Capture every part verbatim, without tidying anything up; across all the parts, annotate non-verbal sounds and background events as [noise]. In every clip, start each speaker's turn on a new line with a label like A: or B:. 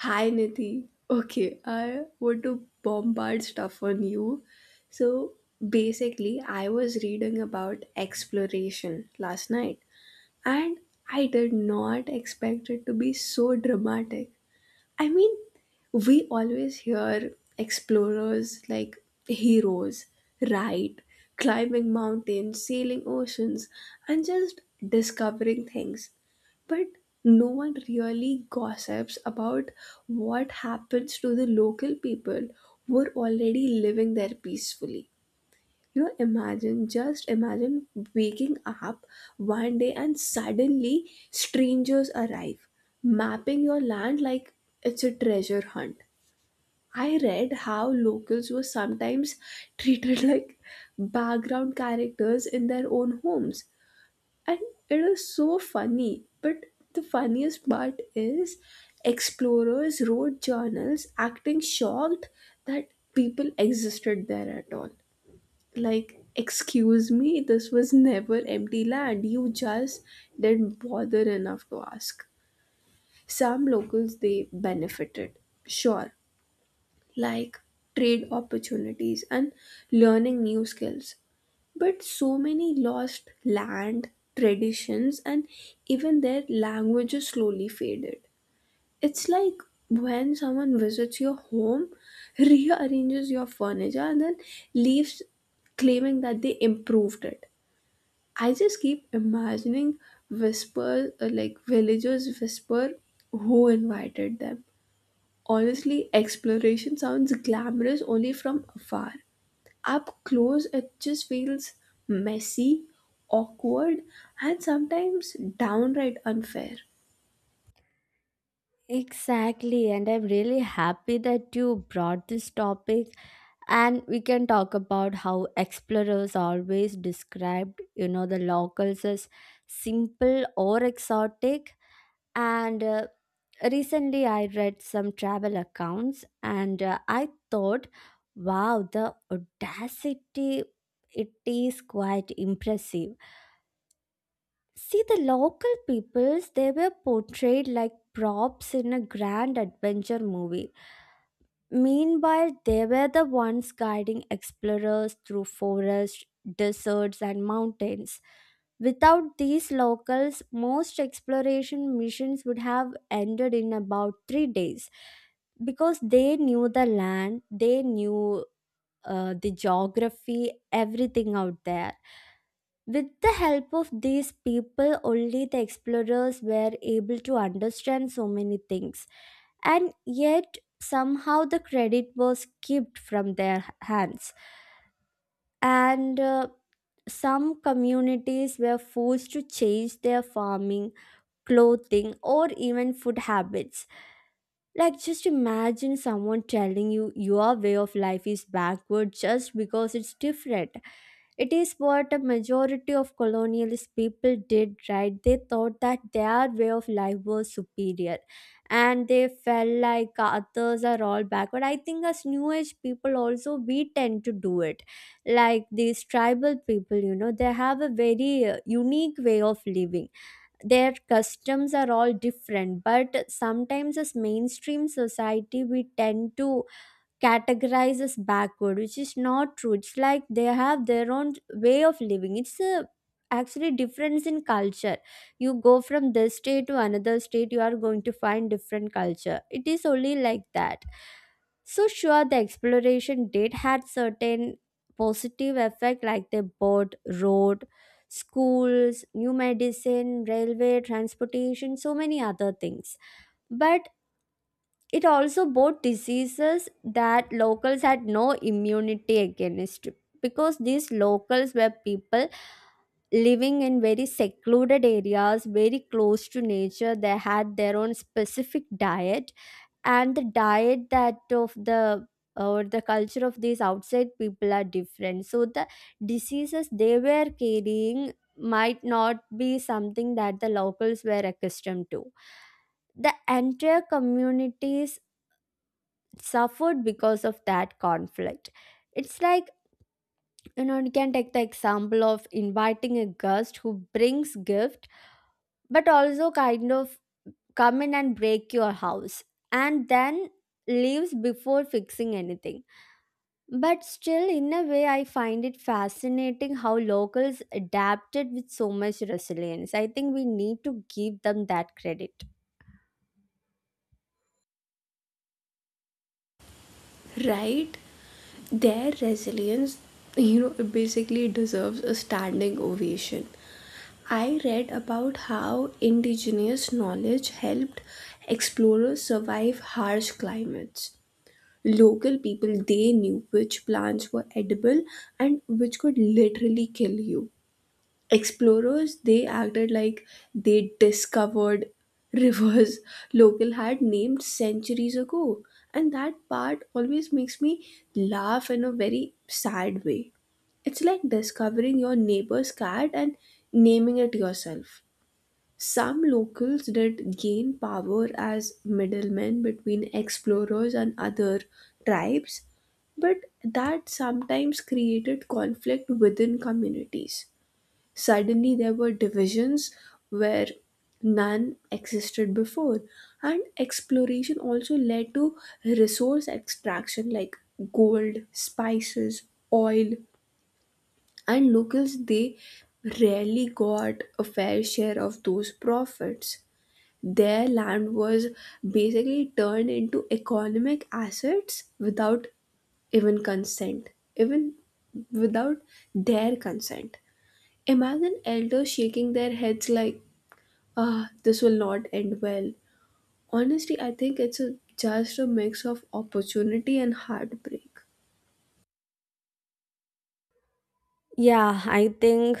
A: Hi Nidhi. Okay, I want to bombard stuff on you. So basically, I was reading about exploration last night, and I did not expect it to be so dramatic. I mean, we always hear explorers like heroes, right? Climbing mountains, sailing oceans, and just discovering things, but no one really gossips about what happens to the local people who are already living there peacefully. You know imagine, just imagine, waking up one day and suddenly strangers arrive mapping your land like it's a treasure hunt. I read how locals were sometimes [laughs] treated like background characters in their own homes. And it is so funny, but the funniest part is, explorers wrote journals acting shocked that people existed there at all. Like, excuse me, this was never empty land. You just didn't bother enough to ask. Some locals, they benefited, sure, like trade opportunities and learning new skills, but so many lost land, traditions, and even their languages slowly faded. It's like when someone visits your home, [laughs] rearranges your furniture, and then leaves claiming that they improved it. I just keep imagining whispers, uh, like villagers whisper who invited them. Honestly, exploration sounds glamorous only from afar. Up close, it just feels messy, awkward, and sometimes downright unfair.
B: Exactly, and I'm really happy that you brought this topic and we can talk about how explorers always described, you know, the locals as simple or exotic. And uh, recently I read some travel accounts and uh, I thought, wow, the audacity it is quite impressive. See, the local peoples, they were portrayed like props in a grand adventure movie. Meanwhile, they were the ones guiding explorers through forests, deserts, and mountains. Without these locals, most exploration missions would have ended in about three days because they knew the land, they knew uh, the geography, everything out there. With the help of these people, only the explorers were able to understand so many things, and yet somehow the credit was kept from their hands. And uh, some communities were forced to change their farming, clothing, or even food habits, like, just imagine someone telling you your way of life is backward just because it's different. It is what a majority of colonialist people did, right? They thought that their way of life was superior and they felt like others are all backward. I think as new age people also, we tend to do it. Like these tribal people, you know, they have a very uh, unique way of living. Their customs are all different, but sometimes as mainstream society we tend to categorized as backward, which is not true. It's like they have their own way of living. It's a actually difference in culture. You go from this state to another state, you are going to find different culture, it is only like that. So sure, the exploration did had certain positive effect, like they bought road, schools, new medicine, railway, transportation, so many other things. But it also brought diseases that locals had no immunity against, because these locals were people living in very secluded areas, very close to nature. They had their own specific diet, and the diet that of the or the culture of these outside people are different. So the diseases they were carrying might not be something that the locals were accustomed to. The entire communities suffered because of that conflict. It's like, you know, you can take the example of inviting a guest who brings gift, but also kind of come in and break your house and then leaves before fixing anything. But still, in a way, I find it fascinating how locals adapted with so much resilience. I think we need to give them that credit.
A: Right? Their resilience, you know, it basically deserves a standing ovation. I read about how indigenous knowledge helped explorers survive harsh climates. Local people, they knew which plants were edible and which could literally kill you. Explorers, they acted like they discovered rivers [laughs] local had named centuries ago, and that part always makes me laugh in a very sad way. It's like discovering your neighbor's cat and naming it yourself. Some locals did gain power as middlemen between explorers and other tribes, but that sometimes created conflict within communities. Suddenly, there were divisions where none existed before, and exploration also led to resource extraction like gold, spices, oil, and locals, they rarely got a fair share of those profits. Their land was basically turned into economic assets without even consent, even without their consent. Imagine elders shaking their heads like, ah, this will not end well. Honestly, I think it's a, just a mix of opportunity and heartbreak.
B: Yeah, I think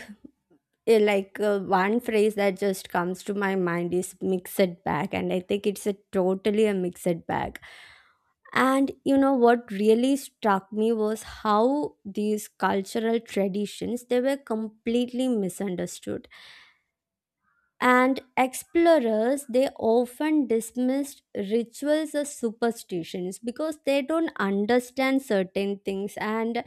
B: eh, like uh, one phrase that just comes to my mind is mixed bag, and I think it's a totally a mixed bag. And you know what really struck me was how these cultural traditions, they were completely misunderstood, and explorers they often dismissed rituals as superstitions because they don't understand certain things. And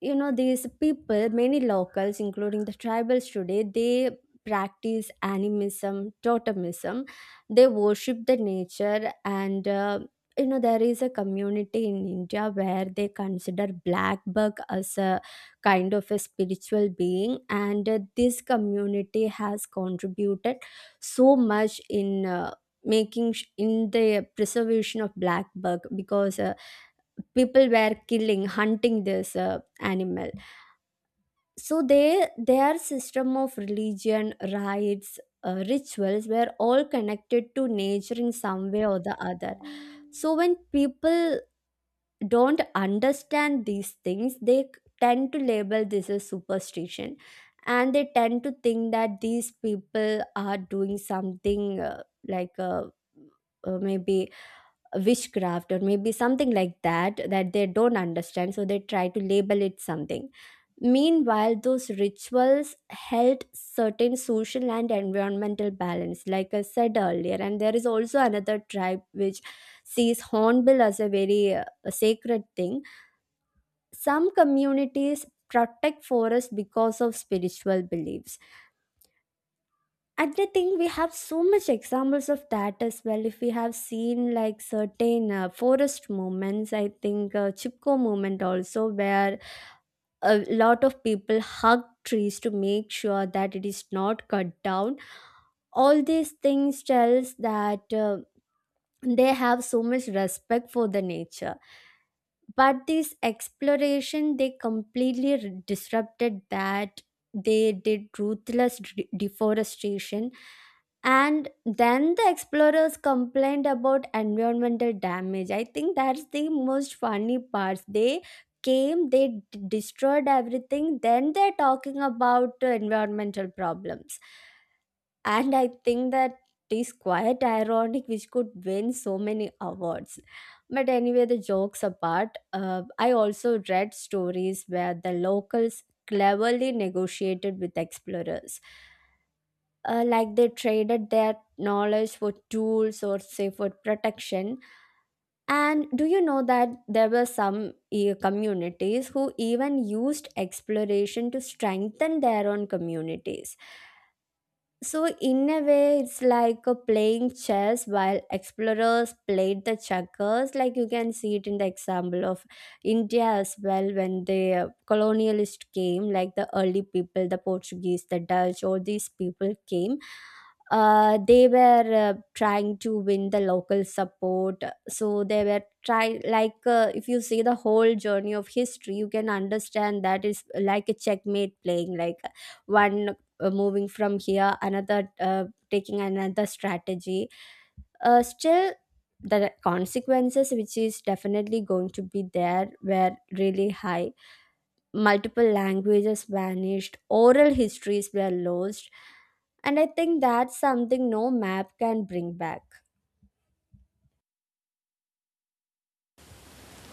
B: you know these people, many locals including the tribals today, they practice animism, totemism, they worship the nature. And uh, you know, there is a community in india where they consider black buck as a kind of a spiritual being, and uh, this community has contributed so much in uh, making sh- in the preservation of black buck, because uh, people were killing, hunting this uh, animal. So they, their system of religion, rites, uh, rituals were all connected to nature in some way or the other. So when people don't understand these things, they c- tend to label this as superstition, and they tend to think that these people are doing something uh, like uh, uh, maybe witchcraft or maybe something like that that they don't understand, so they try to label it something. Meanwhile, those rituals held certain social and environmental balance, like I said earlier. And there is also another tribe which sees hornbill as a very uh, sacred thing. Some communities protect forests because of spiritual beliefs. And I think we have so much examples of that as well. If we have seen like certain uh, forest movements, I think uh, Chipko movement also, where a lot of people hug trees to make sure that it is not cut down. All these things tells that uh, they have so much respect for the nature, but this exploration, they completely r- disrupted that. They did ruthless de- deforestation, and then the explorers complained about environmental damage. I think that's the most funny part, they came, they d- destroyed everything, then they're talking about uh, environmental problems. And I think that is quite ironic, which could win so many awards. But anyway, the jokes apart, uh, I also read stories where the locals cleverly negotiated with explorers, uh, like they traded their knowledge for tools or say for protection. And do you know that there were some eh, communities who even used exploration to strengthen their own communities? So, in a way, it's like a playing chess while explorers played the checkers. Like you can see it in the example of India as well, when the uh, colonialist came, like the early people, the Portuguese, the Dutch, all these people came. Uh, they were uh, trying to win the local support. So they were try like uh, if you see the whole journey of history, you can understand that it's like a checkmate playing, like one uh, moving from here, another uh, taking another strategy, uh, still the consequences, which is definitely going to be there, were really high. Multiple languages vanished, oral histories were lost, and I think that's something no map can bring back.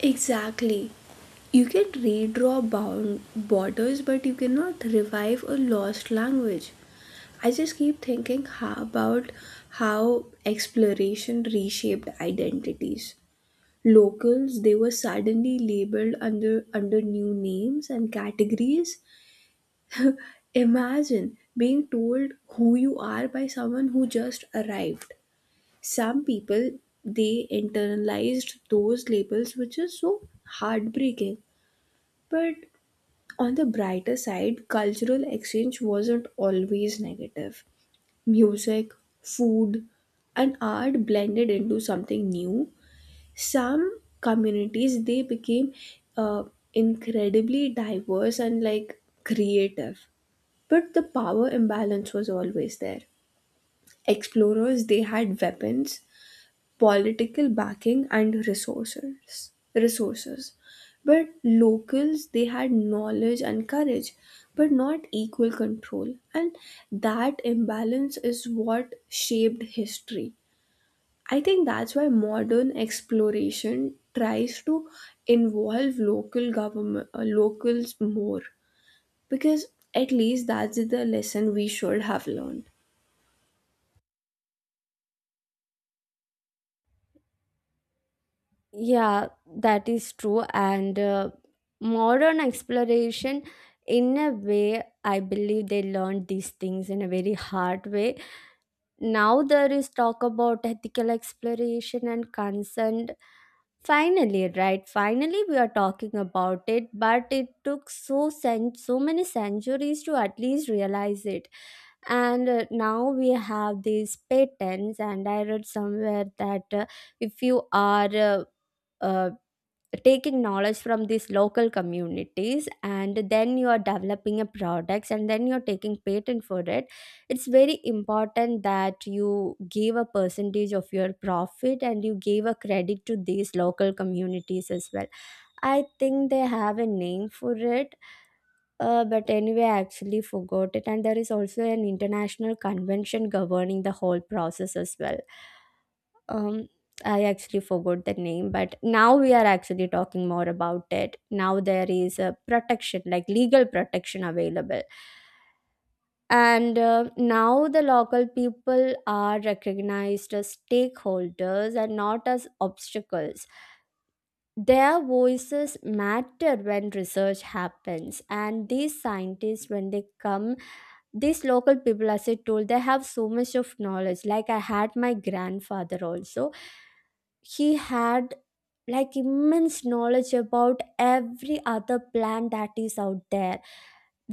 A: Exactly. You can redraw bound borders, but you cannot revive a lost language. I just keep thinking how about how exploration reshaped identities. Locals, they were suddenly labeled under under new names and categories. Imagine being told who you are by someone who just arrived. Some people, they internalized those labels, which is so heartbreaking. But on the brighter side, cultural exchange wasn't always negative. Music, food, and art blended into something new. Some communities, they became uh, incredibly diverse and like creative, but the power imbalance was always there. Explorers, they had weapons, political backing and resources. Resources. But locals, they had knowledge and courage, but not equal control. And that imbalance is what shaped history. I think that's why modern exploration tries to involve local government uh, locals more, because at least that's the lesson we should have learned.
B: Yeah, that is true, and uh, modern exploration, in a way, I believe they learned these things in a very hard way. Now there is talk about ethical exploration and consent, finally, right? Finally we are talking about it, but it took so cen- so many centuries to at least realize it. And uh, now we have these patents, and I read somewhere that uh, if you are uh, uh, taking knowledge from these local communities and then you are developing a products and then you're taking patent for it, it's very important that you give a percentage of your profit and you give a credit to these local communities as well. I think they have a name for it, uh, but anyway, I actually forgot it. And there is also an international convention governing the whole process as well. um, I actually forgot the name, but now we are actually talking more about it. Now there is a protection, like legal protection available. And uh, now the local people are recognized as stakeholders and not as obstacles. Their voices matter when research happens, and these scientists, when they come, these local people, as I told, they have so much of knowledge. Like I had my grandfather also, he had like immense knowledge about every other plant that is out there.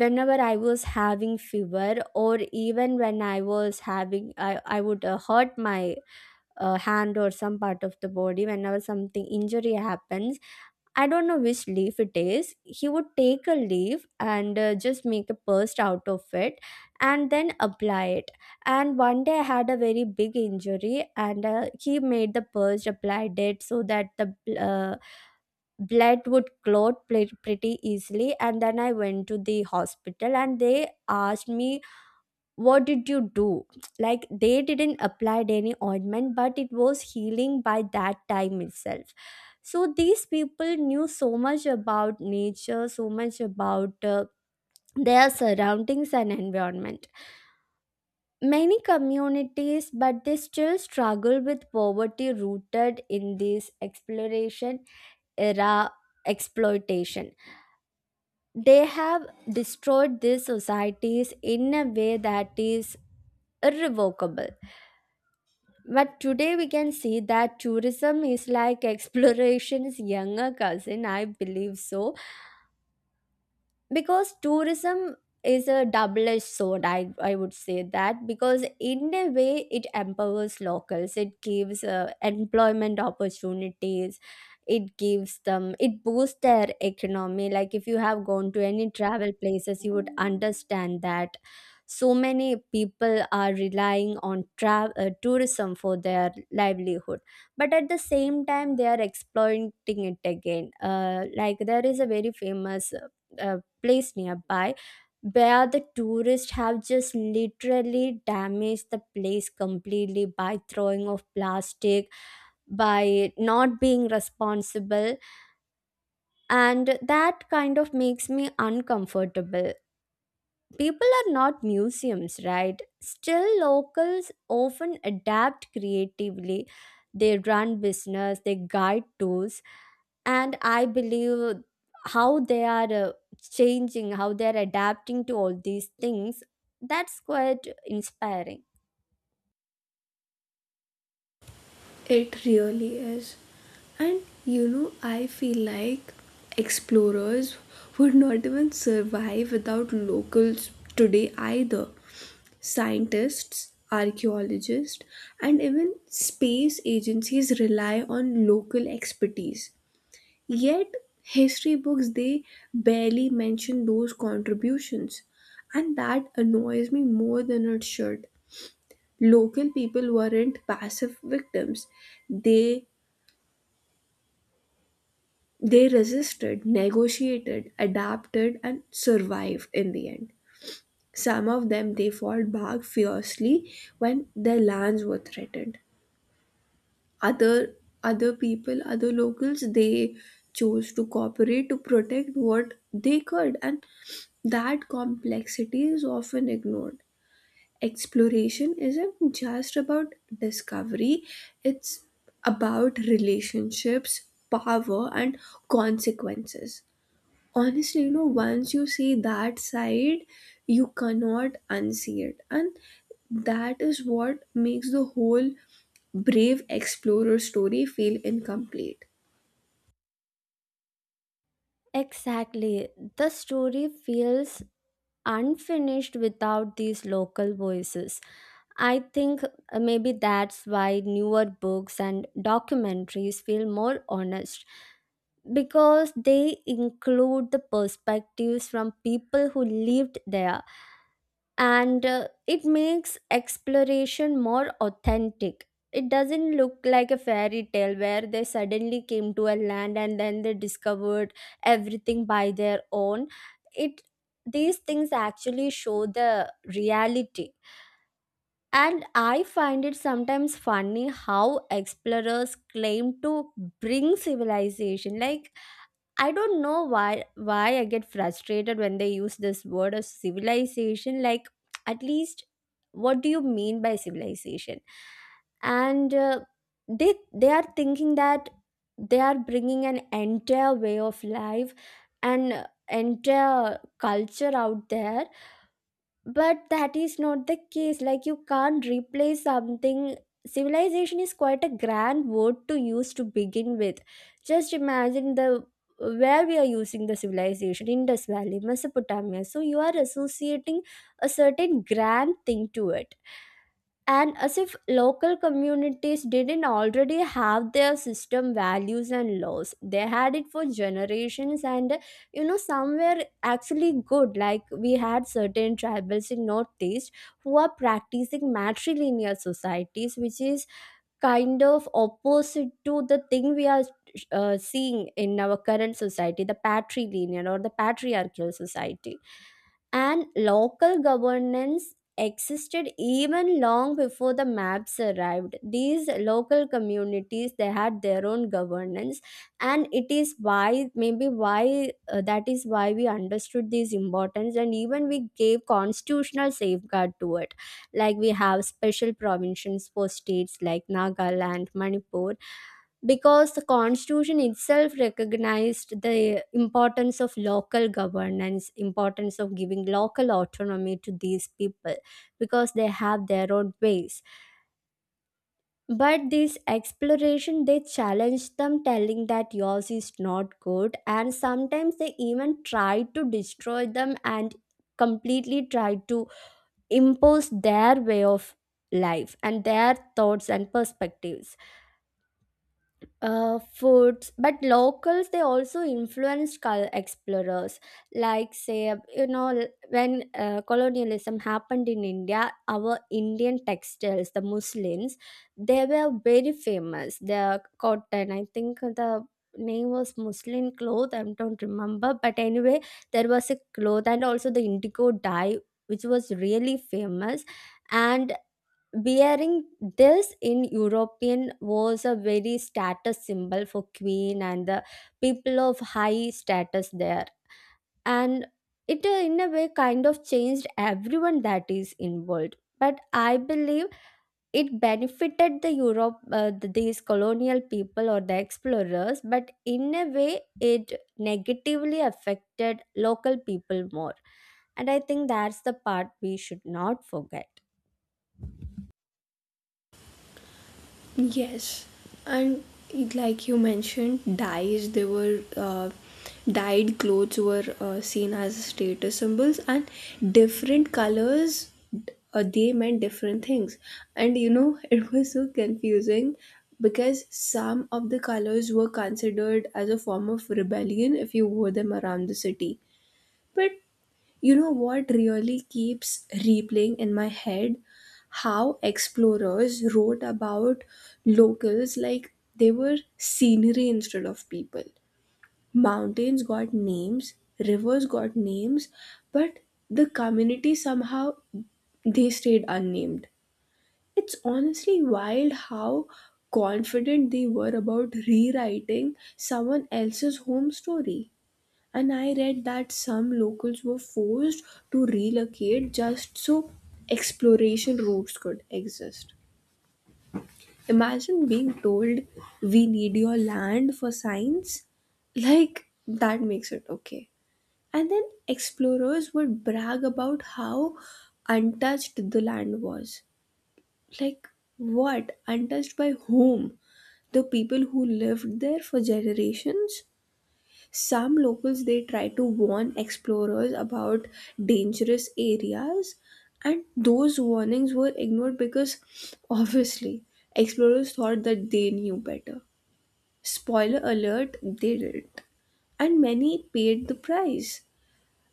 B: Whenever I was having fever, or even when I was having i, I would uh, hurt my uh, hand or some part of the body, whenever something injury happens, I don't know which leaf it is. He would take a leaf and uh, just make a paste out of it and then apply it. And one day I had a very big injury, and uh, he made the paste, applied it so that the uh, blood would clot pl- pretty easily. And then I went to the hospital and they asked me, what did you do? Like they didn't apply any ointment, but it was healing by that time itself. So these people knew so much about nature, so much about uh, their surroundings and environment. Many communities, but they still struggle with poverty rooted in this exploration era, exploitation. They have destroyed these societies in a way that is irrevocable. But today we can see that tourism is like exploration's younger cousin, I believe so, because tourism is a double-edged sword. I, I would say that because in a way it empowers locals, it gives uh, employment opportunities, it gives them, it boosts their economy. Like if you have gone to any travel places you would understand that so many people are relying on tra- uh, tourism for their livelihood. But at the same time they are exploiting it again, uh, like there is a very famous uh, place nearby where the tourists have just literally damaged the place completely by throwing off plastic, by not being responsible, and that kind of makes me uncomfortable. People are not museums, right? Still, locals often adapt creatively, they run business, they guide tours, and I believe how they are uh, changing, how they are adapting to all these things, that's quite inspiring.
A: It really is. And you know, I feel like explorers would not even survive without locals today either. Scientists, archaeologists, and even space agencies rely on local expertise. Yet, history books, they barely mention those contributions, and that annoys me more than it should. Local people weren't passive victims, they They resisted, negotiated, adapted, and survived in the end. Some of them, they fought back fiercely when their lands were threatened. Other other people, other locals, they chose to cooperate to protect what they could, and that complexity is often ignored. Exploration isn't just about discovery; it's about relationships, power, and consequences. Honestly, you know, once you see that side, you cannot unsee it, and that is what makes the whole brave explorer story feel incomplete.
B: Exactly, the story feels unfinished without these local voices. I think uh, maybe that's why newer books and documentaries feel more honest, because they include the perspectives from people who lived there, and uh, it makes exploration more authentic. It doesn't look like a fairy tale where they suddenly came to a land and then they discovered everything by their Own. It, these things actually show the reality. And I find it sometimes funny how explorers claim to bring civilization, like, I don't know why why I get frustrated when they use this word of civilization. Like, at least, what do you mean by civilization? And uh, they they are thinking that they are bringing an entire way of life and entire culture out there, but that is not the case. Like, you can't replace something. Civilization is quite a grand word to use to begin with. Just imagine the where we are using the civilization, Indus Valley, Mesopotamia, so you are associating a certain grand thing to it. And as if local communities didn't already have their system, values and laws, they had it for generations. And you know, somewhere actually good, like we had certain tribals in Northeast who are practicing matrilineal societies, which is kind of opposite to the thing we are uh, seeing in our current society, the patrilineal or the patriarchal society. And local governance existed even long before the maps arrived. These local communities, they had their own governance. And it is why, maybe why uh, that is why we understood this importance and even we gave constitutional safeguard to it. Like we have special provisions for states like Nagaland, Manipur, because the constitution itself recognized the importance of local governance, importance of giving local autonomy to these people, because they have their own ways. But this exploration, they challenged them telling that yours is not good, and sometimes they even tried to destroy them and completely tried to impose their way of life and their thoughts and perspectives, uh, foods. But locals, they also influenced cul- explorers. Like, say, you know, l- when uh, colonialism happened in India, our Indian textiles, the muslims, they were very famous, the cotton. I think the name was muslin cloth, I don't remember, but anyway, there was a cloth and also the indigo dye, which was really famous. And wearing this in European was a very status symbol for queen and the people of high status there. And it uh, in a way kind of changed everyone that is involved. But I believe it benefited the Europe, uh, th- these colonial people or the explorers, but in a way it negatively affected local people more. And I think that's the part we should not forget.
A: Yes, and it- like you mentioned, dyes they were uh, dyed clothes were uh, seen as status symbols, and different colors uh, they meant different things. And you know, [laughs] it was so confusing because some of the colors were considered as a form of rebellion if you wore them around the city, but you know what really keeps replaying in my head? How explorers wrote about locals like they were scenery instead of people. Mountains got names, rivers got names, but the community somehow, they stayed unnamed. It's honestly wild how confident they were about rewriting someone else's home story. And I read that some locals were forced to relocate just so exploration routes could exist. Imagine being told, we need your land for science. Like, that makes it okay. And then explorers would brag about how untouched the land was. Like, what? Untouched by whom? The people who lived there for generations? Some locals, they try to warn explorers about dangerous areas, and those warnings were ignored because, [laughs] obviously, explorers thought that they knew better. Spoiler alert, they didn't, and many paid the price,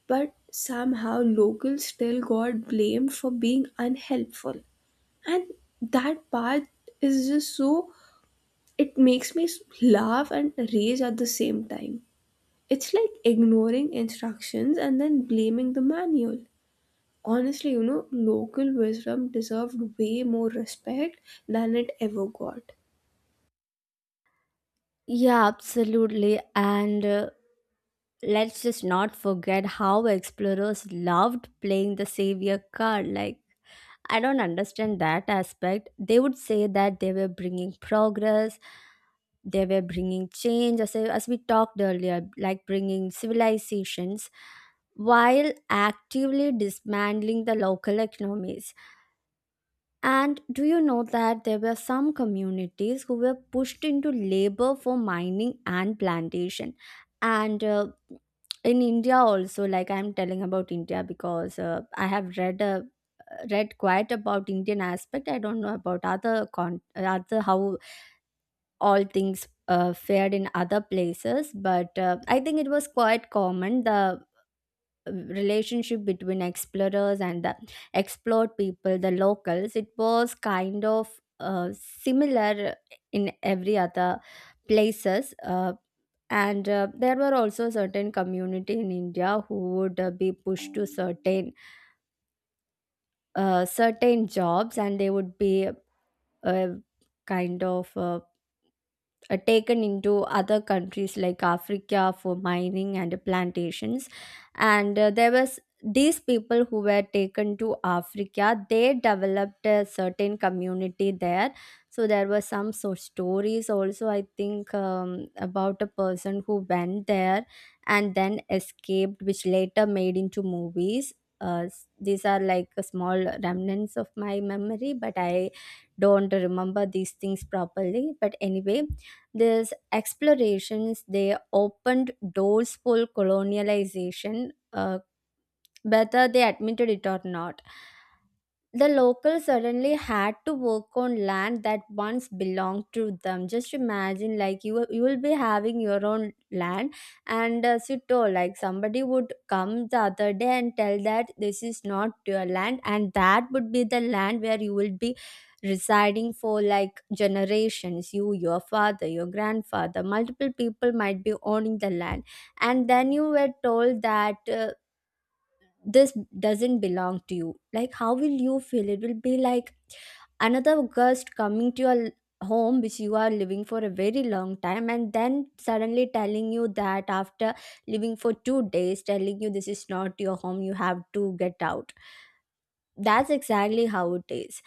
A: but somehow locals still got blamed for being unhelpful, and that part is just so, it makes me laugh and rage at the same time. It's like ignoring instructions and then blaming the manual. Honestly, you know, local wisdom deserved way more respect than it ever got.
B: Yeah, absolutely. And uh, let's just not forget how explorers loved playing the savior card. Like, I don't understand that aspect. They would say that they were bringing progress, they were bringing change, as, I, as we talked earlier, like bringing civilizations, while actively dismantling the local economies. And do you know that there were some communities who were pushed into labor for mining and plantation? And uh, in India also, like I'm telling about India because uh, I have read uh, read quite about Indian aspect. I don't know about other con other, how all things uh, fared in other places, but uh, I think it was quite common. The relationship between explorers and the explored people, the locals, it was kind of uh, similar in every other places. Uh, and uh, there were also certain community in India who would uh, be pushed to certain uh, certain jobs, and they would be uh, kind of. Uh, uh, taken into other countries like Africa for mining and plantations. And uh, there was these people who were taken to Africa, they developed a certain community there. So there were some so stories also, I think, um, about a person who went there and then escaped, which later made into movies. Uh, s- these are like a small remnants of my memory, but I don't remember these things properly. But anyway, these explorations, they opened doors for colonialization, uh, whether they admitted it or not, the locals suddenly had to work on land that once belonged to them. Just imagine, like you will- you will be having your own land, and as you told, like somebody would come the other day and tell that this is not your land, and that would be the land where you will be residing for like generations. You, your father, your grandfather, multiple people might be owning the land, and then you were told that uh, this doesn't belong to you. Like, how will you feel? It will be like another ghost coming to your l- home which you are living for a very long time, and then suddenly telling you that after living for two days, telling you this is not your home, you have to get out. That's exactly how it is.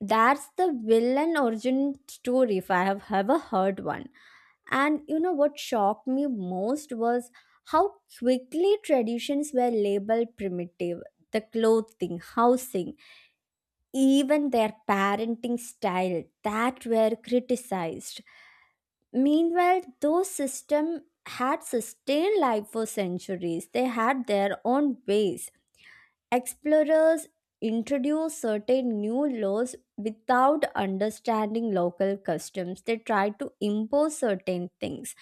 B: That's the villain origin story, if I have ever heard one. And you know what shocked me most was how quickly traditions were labeled primitive. The clothing, housing, even their parenting style that were criticized. Meanwhile, those systems had sustained life for centuries. They had their own ways. Explorers introduced certain new laws without understanding local customs. They tried to impose certain things.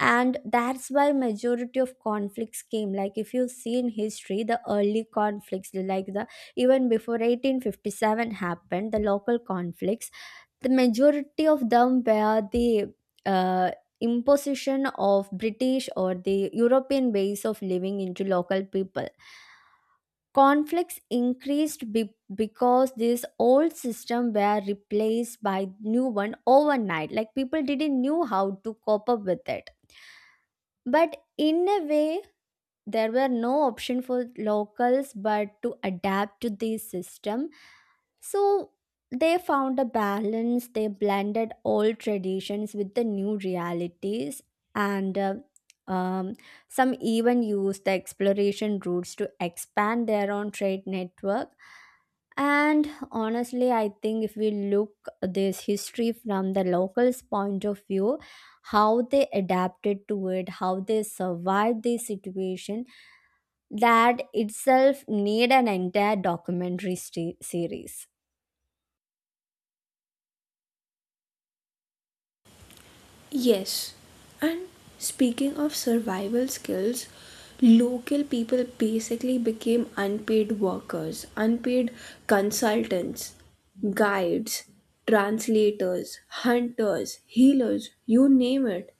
B: And that's why majority of conflicts came. Like if you see in history, the early conflicts, like the even before eighteen fifty-seven happened, the local conflicts, the majority of them were the uh, imposition of British or the European ways of living into local people. Conflicts increased be- because this old system were replaced by new one overnight. Like people didn't knew how to cope up with it. But in a way, there were no option for locals but to adapt to the system. So they found a balance. They blended old traditions with the new realities. And uh, um, some even used the exploration routes to expand their own trade network. And honestly, I think if we look this history from the locals point of view, how they adapted to it, how they survived the situation, that itself need an entire documentary st- series.
A: Yes, and speaking of survival skills, local people basically became unpaid workers, unpaid consultants, guides, translators, hunters, healers, you name it.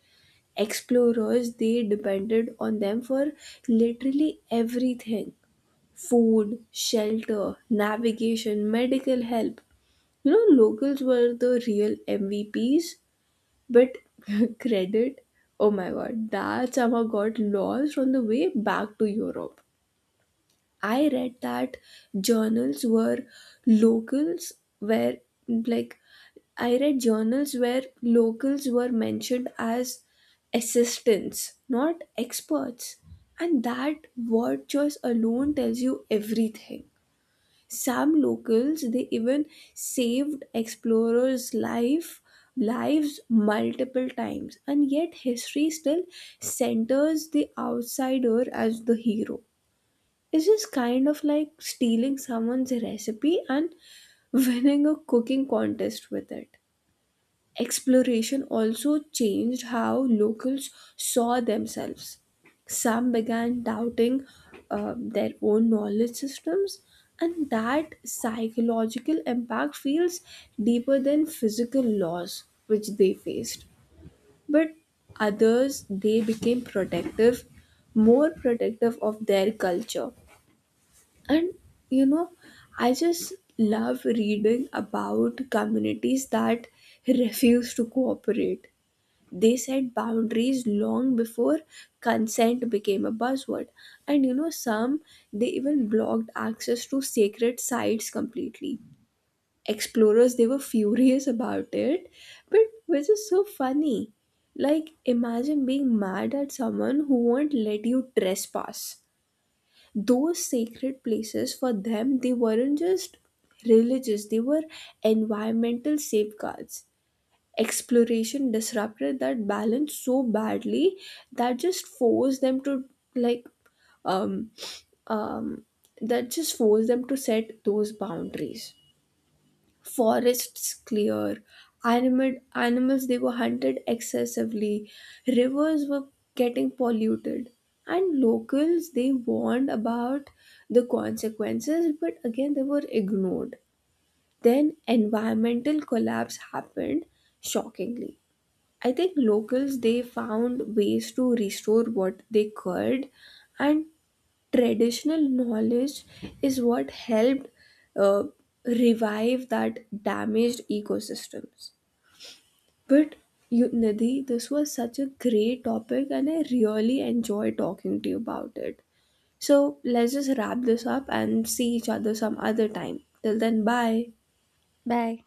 A: Explorers, they depended on them for literally everything: food, shelter, navigation, medical help. You know, locals were the real M V Ps, but [laughs] credit, oh my god, that somehow got lost on the way back to Europe. I read that journals were locals where, like, I read journals where locals were mentioned as assistants, not experts. And that word choice alone tells you everything. Some locals, they even saved explorers' life lives multiple times, and yet history still centers the outsider as the hero. It's just kind of like stealing someone's recipe and [laughs] winning a cooking contest with it. Exploration also changed how locals saw themselves. Some began doubting uh, their own knowledge systems, and that psychological impact feels deeper than physical loss, which they faced. But others, they became protective, more protective of their culture. And you know, I just love reading about communities that [laughs] refuse to cooperate. They set boundaries long before consent became a buzzword. And you know, some, they even blocked access to sacred sites completely. Explorers, they were furious about it, but which is so funny, like imagine being mad at someone who won't let you trespass. Those sacred places for them, they weren't just religious, they were environmental safeguards. Exploration disrupted that balance so badly that just forced them to like um um that just forced them to set those boundaries. Forests clear, animal animals they were hunted excessively, rivers were getting polluted, and locals, they warned about the consequences, but again they were ignored. Then environmental collapse happened, shockingly. I think locals, they found ways to restore what they could, and traditional knowledge is what helped uh, revive that damaged ecosystems. But you, Nidhi, this was such a great topic, and I really enjoy talking to you about it. So let's just wrap this up and see each other some other time. Till then, bye.
B: Bye.